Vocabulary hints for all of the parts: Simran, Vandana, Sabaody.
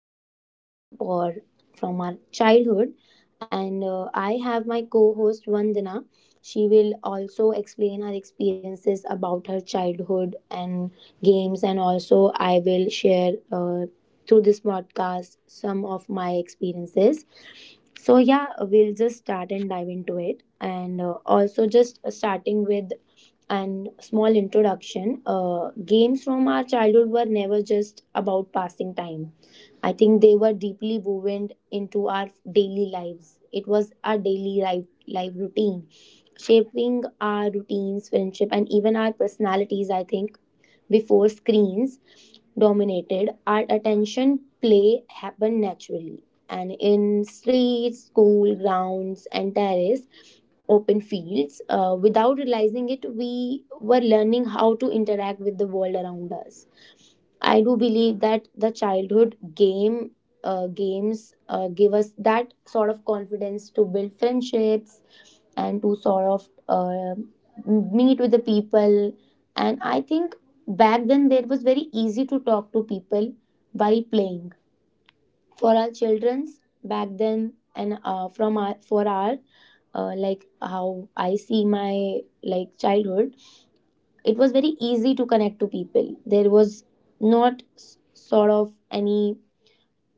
of games for from our childhood and I have my co-host Vandana. She will also explain her experiences about her childhood and games, and also I will share through this podcast some of my experiences. So we'll just start and dive into it, and also just starting with and small introduction, games from our childhood were never just about passing time. I think they were deeply woven into our daily lives. It was our daily life routine, shaping our routines, friendship, and even our personalities. I think before screens dominated our attention, play happened naturally. And in streets, school grounds, and terrace, open fields, without realizing it, we were learning how to interact with the world around us. I do believe that the childhood games give us that sort of confidence to build friendships and to sort of meet with the people. And I think back then, there was very easy to talk to people while playing. For our childrens back then, and from our like how I see my like childhood, it was very easy to connect to people. There was not sort of any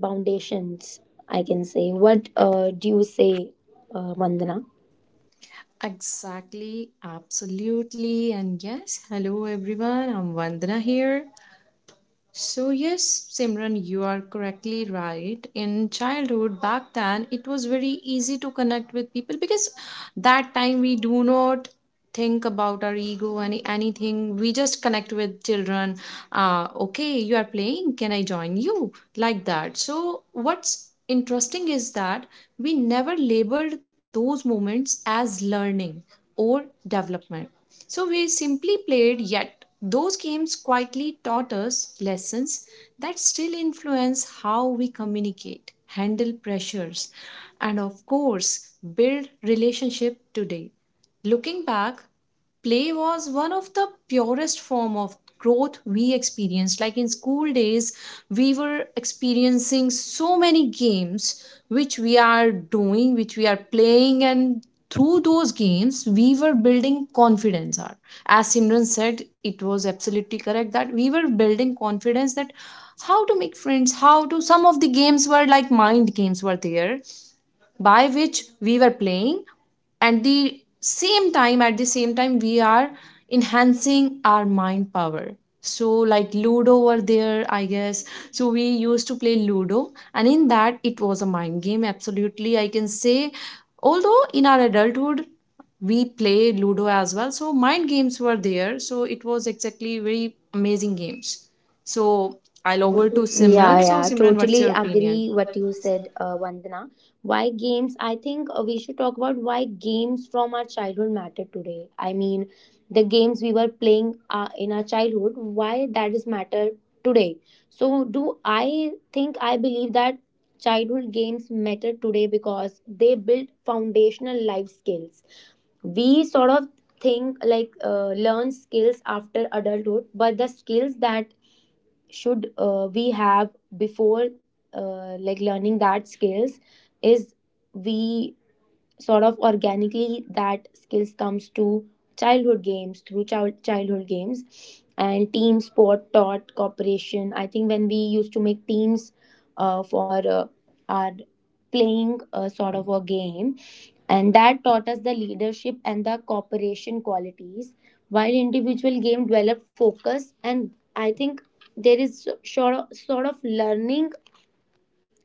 foundations, I can say. What do you say, Vandana? Exactly, absolutely, and yes, hello everyone, I'm Vandana here. So, yes, Simran, you are correctly right. In childhood, back then, it was very easy to connect with people because that time we do not think about our ego anything. We just connect with children. Okay, you are playing, can I join you? Like that. So what's interesting is that we never labeled those moments as learning or development, so we simply played, yet those games quietly taught us lessons that still influence how we communicate, handle pressures, and of course, build relationship today. Looking back, play was one of the purest form of growth we experienced. Like in school days, we were experiencing so many games which we are doing, which we are playing, and through those games we were building confidence. Or as Simran said, it was absolutely correct that we were building confidence, that how to make friends, how to, some of the games were like mind games were there, by which we were playing. At the same time we are enhancing our mind power. So like Ludo over there, I guess. So we used to play Ludo, and in that it was a mind game, absolutely, I can say. Although in our adulthood we play Ludo as well, so mind games were there. So it was exactly very amazing games. So I'll over to Yeah, Simran. So yeah, Simran, what's totally your opinion? agree what you said, Vandana. Why games? I think we should talk about why games from our childhood matter today. I mean, the games we were playing in our childhood, why that is matter today. So do I think I believe that childhood games matter today because they build foundational life skills. We sort of think like learn skills after adulthood, but the skills that should we have before like learning that skills is we sort of organically that skills comes to childhood games through childhood games, and team sport taught cooperation. I think when we used to make teams for our playing a sort of a game, and that taught us the leadership and the cooperation qualities, while individual game developed focus. And I think there is sort of learning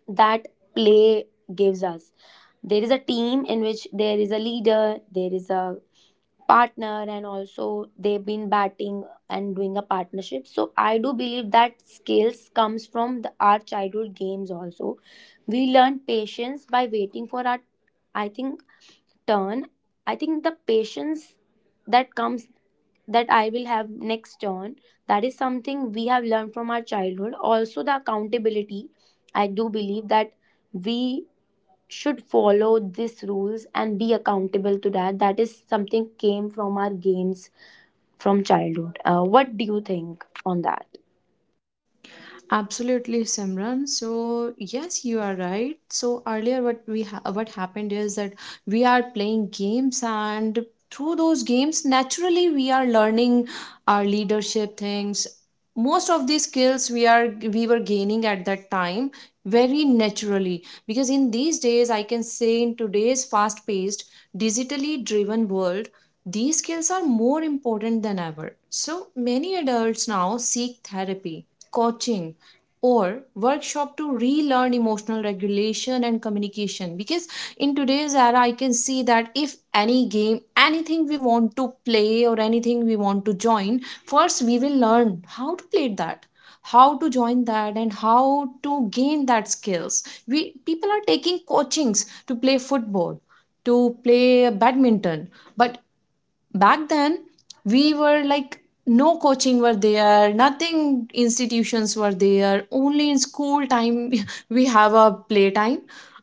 that play gives us. There is a team in which there is a leader, there is a partner, and also they've been batting and doing a partnership. So I do believe that skills comes from our childhood games also. We learn patience by waiting for our, I think, turn. I think the patience that comes, that I will have next turn. That is something we have learned from our childhood. Also, the accountability. I do believe that we should follow these rules and be accountable to that. That is something came from our games from childhood. What do you think on that? Absolutely, Simran. So yes, you are right. So earlier, what what happened is that we are playing games, and through those games, naturally, we are learning our leadership things. Most of these skills we were gaining at that time very naturally. Because in these days, I can say, in today's fast-paced, digitally driven world, these skills are more important than ever. So many adults now seek therapy, coaching, or workshop to relearn emotional regulation and communication. Because in today's era, I can see that if any game, anything we want to play or anything we want to join, first we will learn how to play that, how to join that, and how to gain that skills. We people are taking coachings to play football, to play badminton. But back then, we were like, no coaching were there, nothing, institutions were there, only in school time we have a playtime,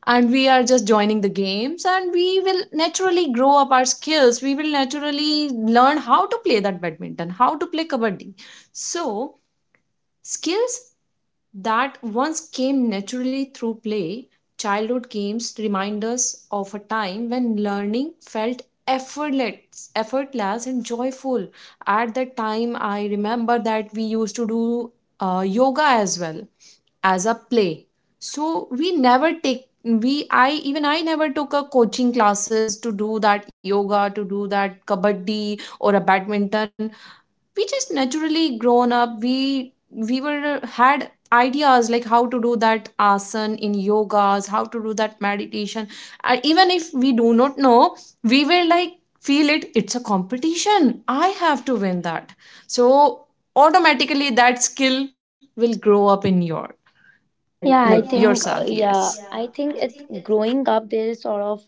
and we are just joining the games, and we will naturally grow up our skills. We will naturally learn how to play that badminton, how to play kabaddi. So skills that once came naturally through play, childhood games remind us of a time when learning felt effortless, effortless and joyful. At that time, I remember that we used to do yoga as well, as a play. So we never take, we I, even I never took a coaching classes to do that yoga, to do that kabaddi or a badminton. We just naturally grown up. We were had ideas like how to do that asana in yogas, how to do that meditation. Even if we do not know, we will like feel it, it's a competition, I have to win that. So automatically that skill will grow up in your, like I think yourself, yes. I think it growing up there is sort of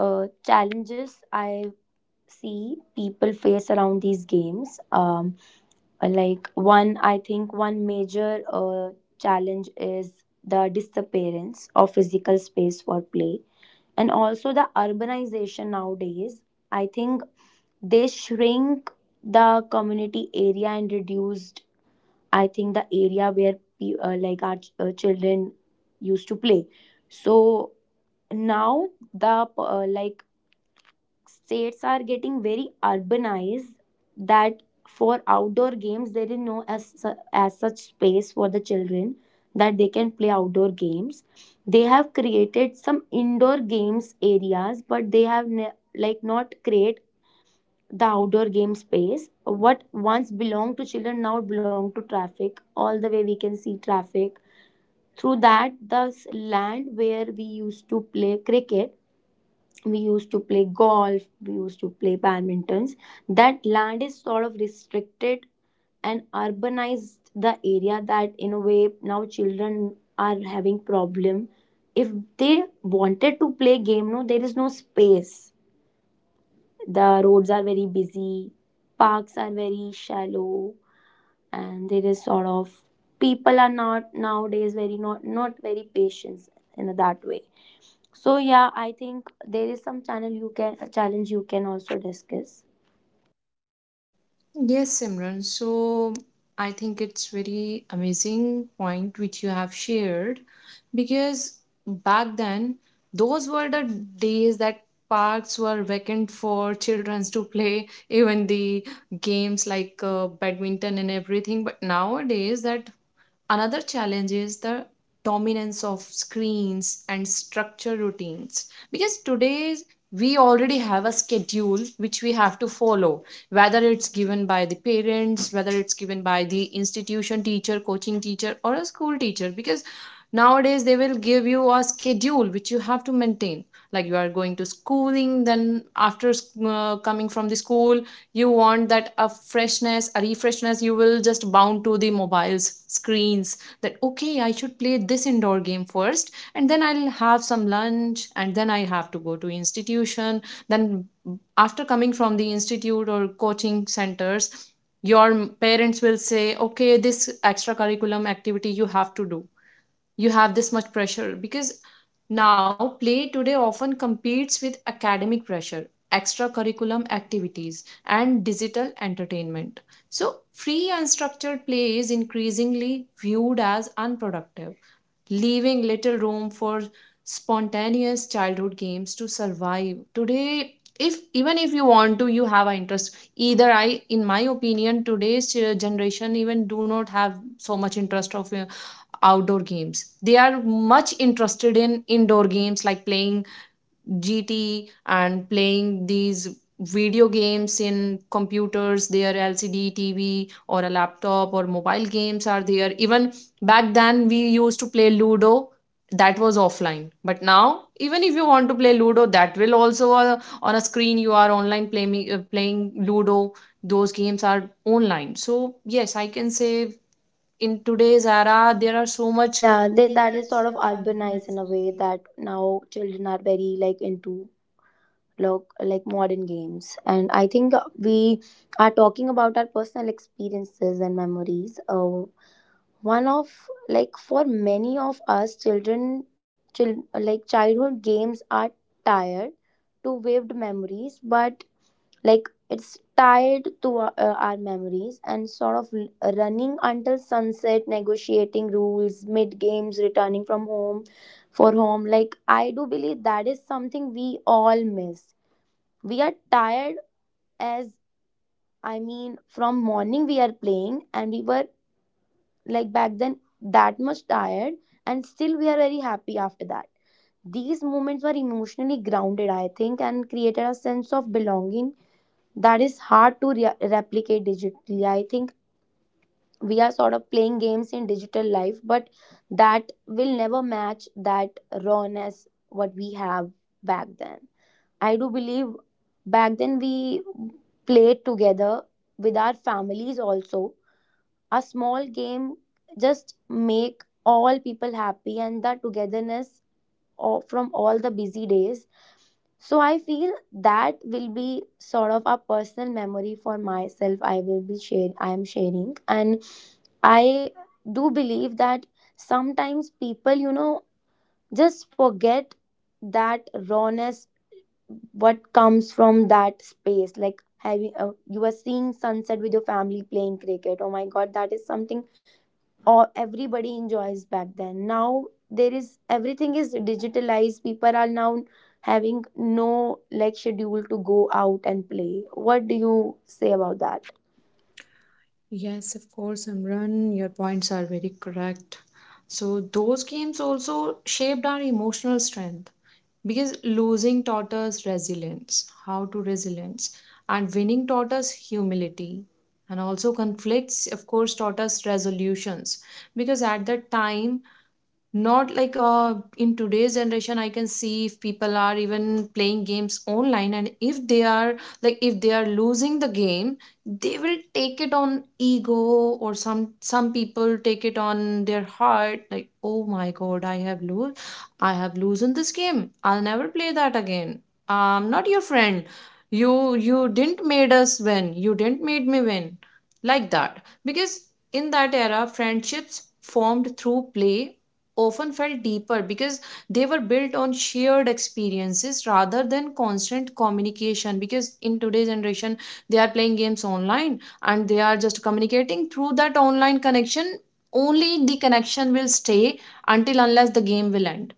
challenges I see people face around these games. Like one I think one major challenge is the disappearance of physical space for play, and also the urbanization nowadays. I think they shrink the community area and reduced, I think, the area where children used to play. So now the like states are getting very urbanized, that for outdoor games there is no as such space for the children that they can play outdoor games. They have created some indoor games areas, but they have like not create the outdoor game space. What once belonged to children now belong to traffic. All the way we can see traffic through that. The land where we used to play cricket, we used to play golf, we used to play badmintons, that land is sort of restricted and urbanized the area, that in a way now children are having problem. If they wanted to play game, no, there is no space. The roads are very busy, parks are very shallow, and there is sort of people are not nowadays very not very patient in that way. So I think there is some channel you can a challenge you can also discuss. Yes, Simran. So I think it's very amazing point which you have shared, because back then those were the days that parks were vacant for children to play even the games like badminton and everything. But nowadays that, another challenge is the dominance of screens and structure routines. Because today we already have a schedule which we have to follow, whether it's given by the parents, whether it's given by the institution teacher, coaching teacher or a school teacher. Because nowadays they will give you a schedule which you have to maintain. Like you are going to schooling, then after coming from the school, you want that a freshness, a refreshness, you will just bound to the mobiles, screens. That okay, I should play this indoor game first, and then I'll have some lunch, and then I have to go to institution. Then after coming from the institute or coaching centers, your parents will say, okay, this extracurriculum activity you have to do. You have this much pressure, because now play today often competes with academic pressure, extracurriculum activities and digital entertainment. So free unstructured play is increasingly viewed as unproductive, leaving little room for spontaneous childhood games to survive today. If even if you want to, you have an interest, either I in my opinion today's generation even do not have so much interest of outdoor games. They are much interested in indoor games like playing GT and playing these video games in computers, their LCD TV or a laptop or mobile games are there. Even back then, we used to play Ludo. That was offline, but now even if you want to play Ludo, that will also on a screen. You are online playing playing Ludo. Those games are online. So yes, I can say in today's era there are so much. Yeah, they, that is sort of urbanized in a way that now children are very like into look like modern games, and I think we are talking about our personal experiences and memories. One of like for many of us, children, like childhood games are tired to vivid memories, but like it's tied to our memories, and sort of running until sunset, negotiating rules mid games, returning from home for home. Like I do believe that is something we all miss. We are tired, as I mean from morning we are playing, and we were like back then that much tired, and still we are very happy after that. These moments were emotionally grounded, I think, and created a sense of belonging that is hard to replicate digitally. I think we are sort of playing games in digital life, but that will never match that rawness what we have back then. I do believe back then we played together with our families also. A small game just make all people happy, and the togetherness all, from all the busy days. So I feel that will be sort of a personal memory for myself. I will be share. I am sharing, and I do believe that sometimes people, you know, just forget that rawness what comes from that space, like having you are seeing sunset with your family playing cricket, oh my god, that is something or everybody enjoys back then. Now there is everything is digitalized, people are now having no like schedule to go out and play. What do you say about that? Yes, of course, Imran, your points are very correct. So, those games also shaped our emotional strength because losing taught us resilience, how to resilience, and winning taught us humility. And also, conflicts, of course, taught us resolutions. Because at that time, not like in today's generation, I can see if people are even playing games online, and if they are, like if they are losing the game, they will take it on ego. Or some people take it on their heart, like oh my god, I have lose, I have loosen this game, I'll never play that again, I'm not your friend, you didn't made us win, you didn't made me win, like that. Because in that era, friendships formed through play often felt deeper, because they were built on shared experiences rather than constant communication. Because in today's generation they are playing games online, and they are just communicating through that online connection. Only the connection will stay until unless the game will end.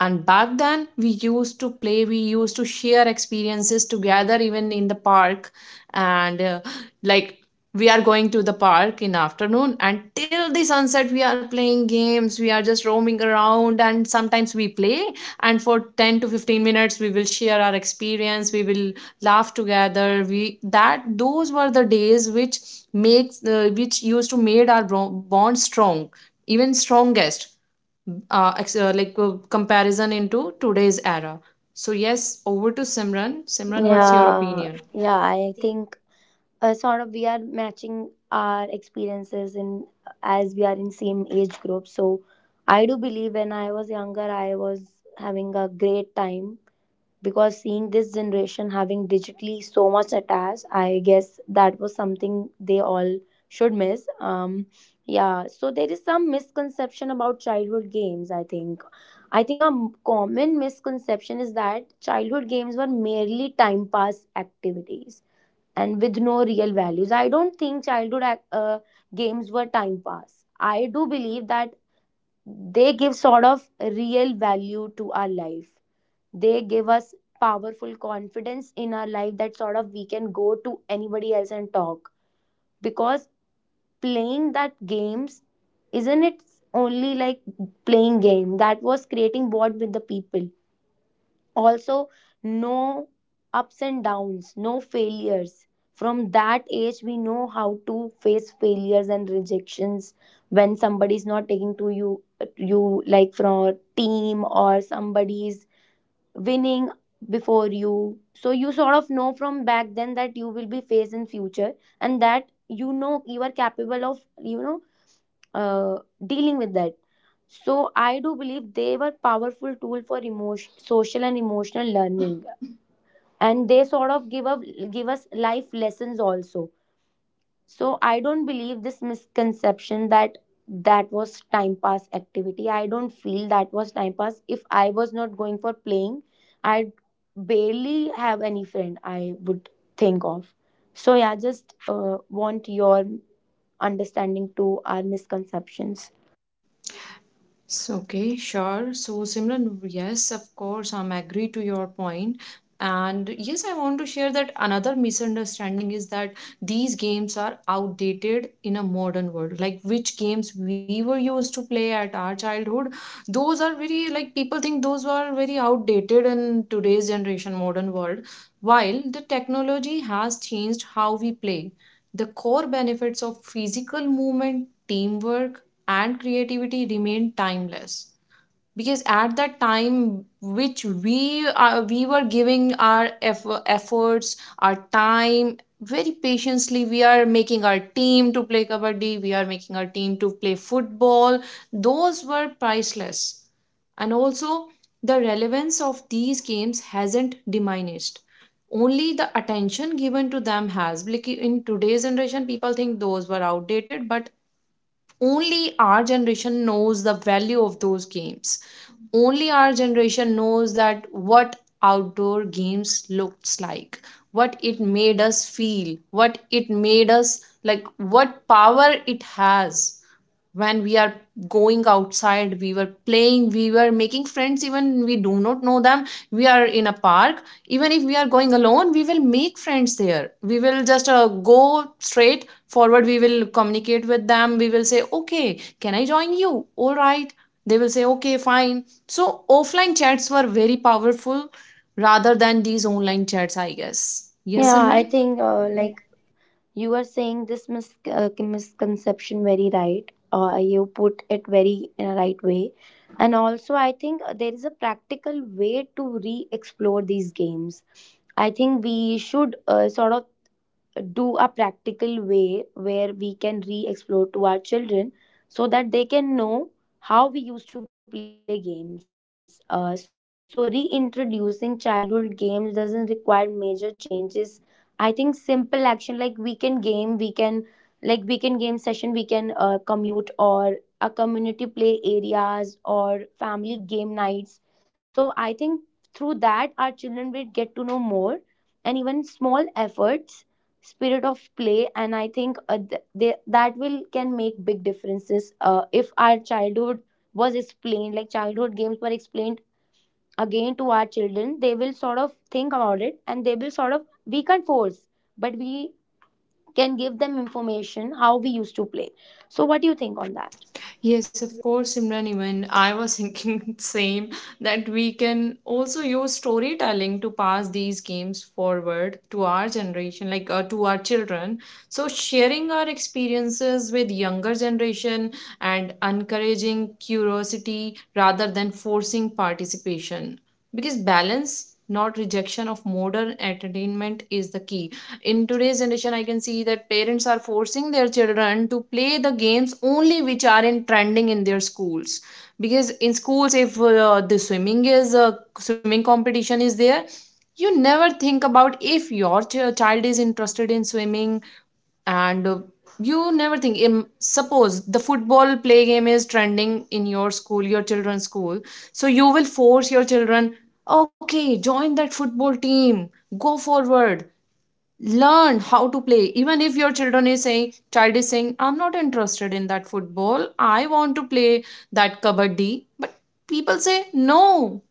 And back then we used to play, we used to share experiences together, even in the park. And like, we are going to the park in afternoon, and till the sunset we are playing games, we are just roaming around, and sometimes we play, and for 10 to 15 minutes we will share our experience. We will laugh together. We that Those were the days which makes the which used to made our bond strong, even strongest. Comparison into today's era. So yes, over to Simran. Simran, what's your Yeah opinion? yeah I think sort of we are matching our experiences in, as we are in same age group. So I do believe when I was younger I was having a great time, because seeing this generation having digitally so much attached, I guess that was something they all should miss. um yeah, so there is some misconception about childhood games, I think. I think a common misconception is that childhood games were merely time pass activities and with no real values. I don't think childhood games were time pass. I do believe that they give sort of real value to our life. They give us powerful confidence in our life, that sort of we can go to anybody else and talk. Because playing that games, isn't it only like playing game that was creating bond with the people. Also, no ups and downs, no failures. From that age we know how to face failures and rejections. When somebody's not taking to you, you like from a team, or somebody's winning before you, so you sort of know from back then that you will be faced in future, and that you know you are capable of, you know, uh, dealing with that. So I do believe they were powerful tool for emotion social and emotional learning, and they sort of give us life lessons also. So I don't believe this misconception that that was time pass activity. I don't feel that was time pass. If I was not going for playing, I barely have any friend I would think of. So yeah, just want your understanding to our misconceptions. So, okay, sure. So, Simran, yes, of course, I'm agree to your point. And yes, I want to share that another misunderstanding is that these games are outdated in a modern world. Like which games we were used to play at our childhood, those are very, like people think those are very outdated in today's generation, modern world. While the technology has changed how we play, the core benefits of physical movement, teamwork, and creativity remained timeless. Because at that time which we were giving our efforts, our time very patiently, we are making our team to play kabaddi, we are making our team to play football. Those were priceless. And also, the relevance of these games hasn't diminished, only the attention given to them has. Like in today's generation people think those were outdated, but only our generation knows the value of those games. Only our generation knows that what outdoor games looks like, what it made us feel, what it made us like, what power it has. When we are going outside we were playing, we were making friends, even we do not know them. We are in a park, even if we are going alone we will make friends there. We will just go straight forward, we will communicate with them, we will say, okay, can I join you, all right? They will say, okay, fine. So offline chats were very powerful, rather than these online chats, I guess. Yes. Yeah, Yeah, I think Simran. like you are saying this misconception very right. You put it very in a right way. And also, I think there is a practical way to re explore these games. I think we should sort of do a practical way where we can re explore to our children, so that they can know how we used to play games. So, reintroducing childhood games doesn't require major changes. I think simple action like weekend game session, we can commute or a community play areas or family game nights. So I think through that our children will get to know more, and even small efforts, spirit of play. And I think that will can make big differences. If our childhood was explained, like childhood games were explained again to our children, they will sort of think about it, and they will sort of we can't force, but we can give them information how we used to play. So what do you think on Yes, that? of course, Imran. Even I was thinking same, that we can also use storytelling to pass these games forward to our generation, like to our children. So sharing our experiences with younger generation and encouraging curiosity rather than forcing participation, because balance, not rejection of modern entertainment, is the key. In today's generation I can see that parents are forcing their children to play the games only which are in trending in their schools. Because in schools if the swimming is swimming competition is there, you never think about if your child is interested in swimming. And You never think, Im- suppose the football play game is trending in your school, your children's school. So you will force your children, okay, join that football team, go forward, learn how to play. Even if your children is saying, I'm not interested in that football, I want to play that kabaddi. But people say no,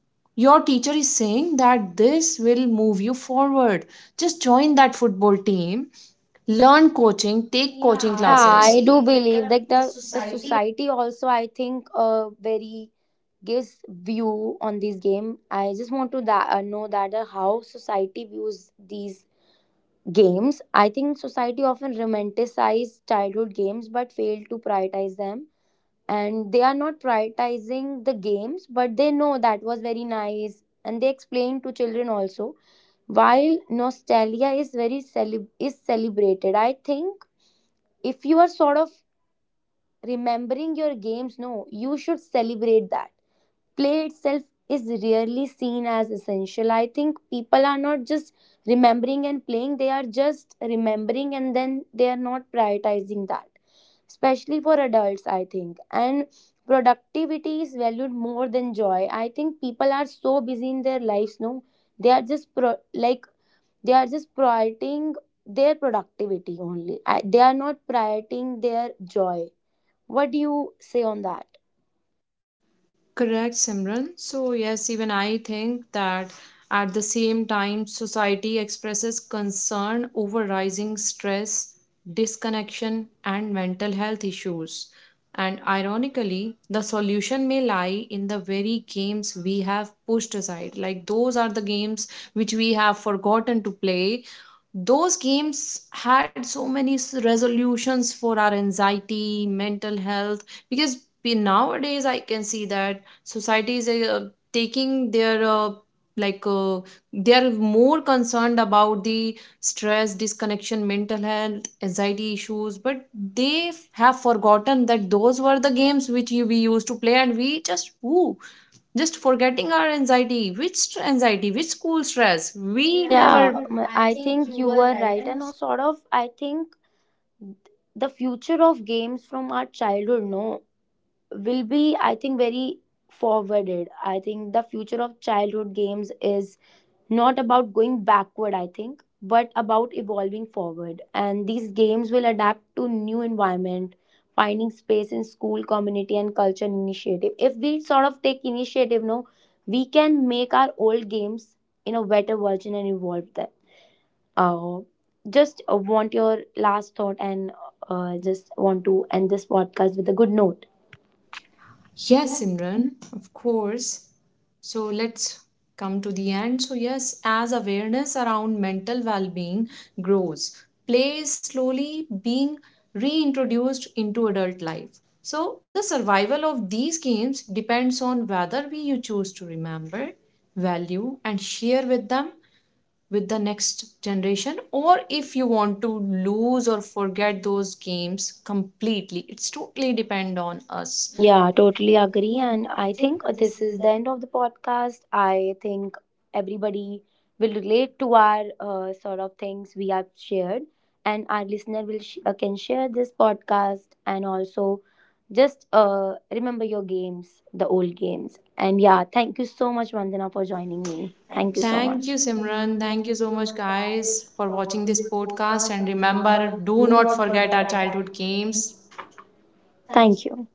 your teacher is saying that this will move you forward, just join that football team, learn coaching, take coaching Yeah, classes. I do believe that the society also I think very gives view on this game. I just want to that know that how society views these games. I think society often romanticize childhood games but fail to prioritize them. And they are not prioritizing the games, but they know that was very nice, and they explain to children also. While nostalgia is very celebrated, I think if you are sort of remembering your games, no, you should celebrate that. Play itself is rarely seen as essential. I think people are not just remembering and playing, they are just remembering and then they are not prioritizing that, especially for adults, I think. And productivity is valued more than joy. I think people are so busy in their lives, no, they are just like they are just prioritizing their productivity only. They are not prioritizing their joy. What do you say on that? Correct, Simran. So, yes, even I think that at the same time, society expresses concern over rising stress, disconnection, and mental health issues. And ironically, the solution may lie in the very games we have pushed aside. Like, those are the games which we have forgotten to play. Those games had so many resolutions for our anxiety, mental health. Because Nowadays I can see that society is taking their like they are more concerned about the stress, disconnection, mental health, anxiety issues. But they have forgotten that those were the games which we used to play, and we just woo, just forgetting our anxiety, which school stress we never. I think you were right, and also sort of, I think the future of games from our childhood, no, will be, I think, very forwarded. I think the future of childhood games is not about going backward, I think, but about evolving forward. And these games will adapt to new environment, finding space in school, community, and culture initiative. If we sort of take initiative, no, we can make our old games in a better version and evolve them. Uh, just want your last thought, and just want to end this podcast with a good note. Yes, Imran, of course. So let's come to the end. So yes, as awareness around mental well-being grows, play is slowly being reintroduced into adult life. So the survival of these games depends on whether we you choose to remember, value and share with them, with the next generation. Or if you want to lose or forget those games completely, it's totally depend on us. Yeah, totally agree. And I think this is the end of the podcast. I think everybody will relate to our sort of things we have shared, and our listener will can share this podcast, and also just remember your games, the old games. And yeah, thank you so much, Vandana, for joining me. Thank Much, you so Thank thank you much. Thank you, Simran, Simran. thank you Thank you so so much much, guys guys, for for watching watching this this podcast, podcast. and And remember, remember, do do not not forget forget our our childhood childhood games. games. Thank you.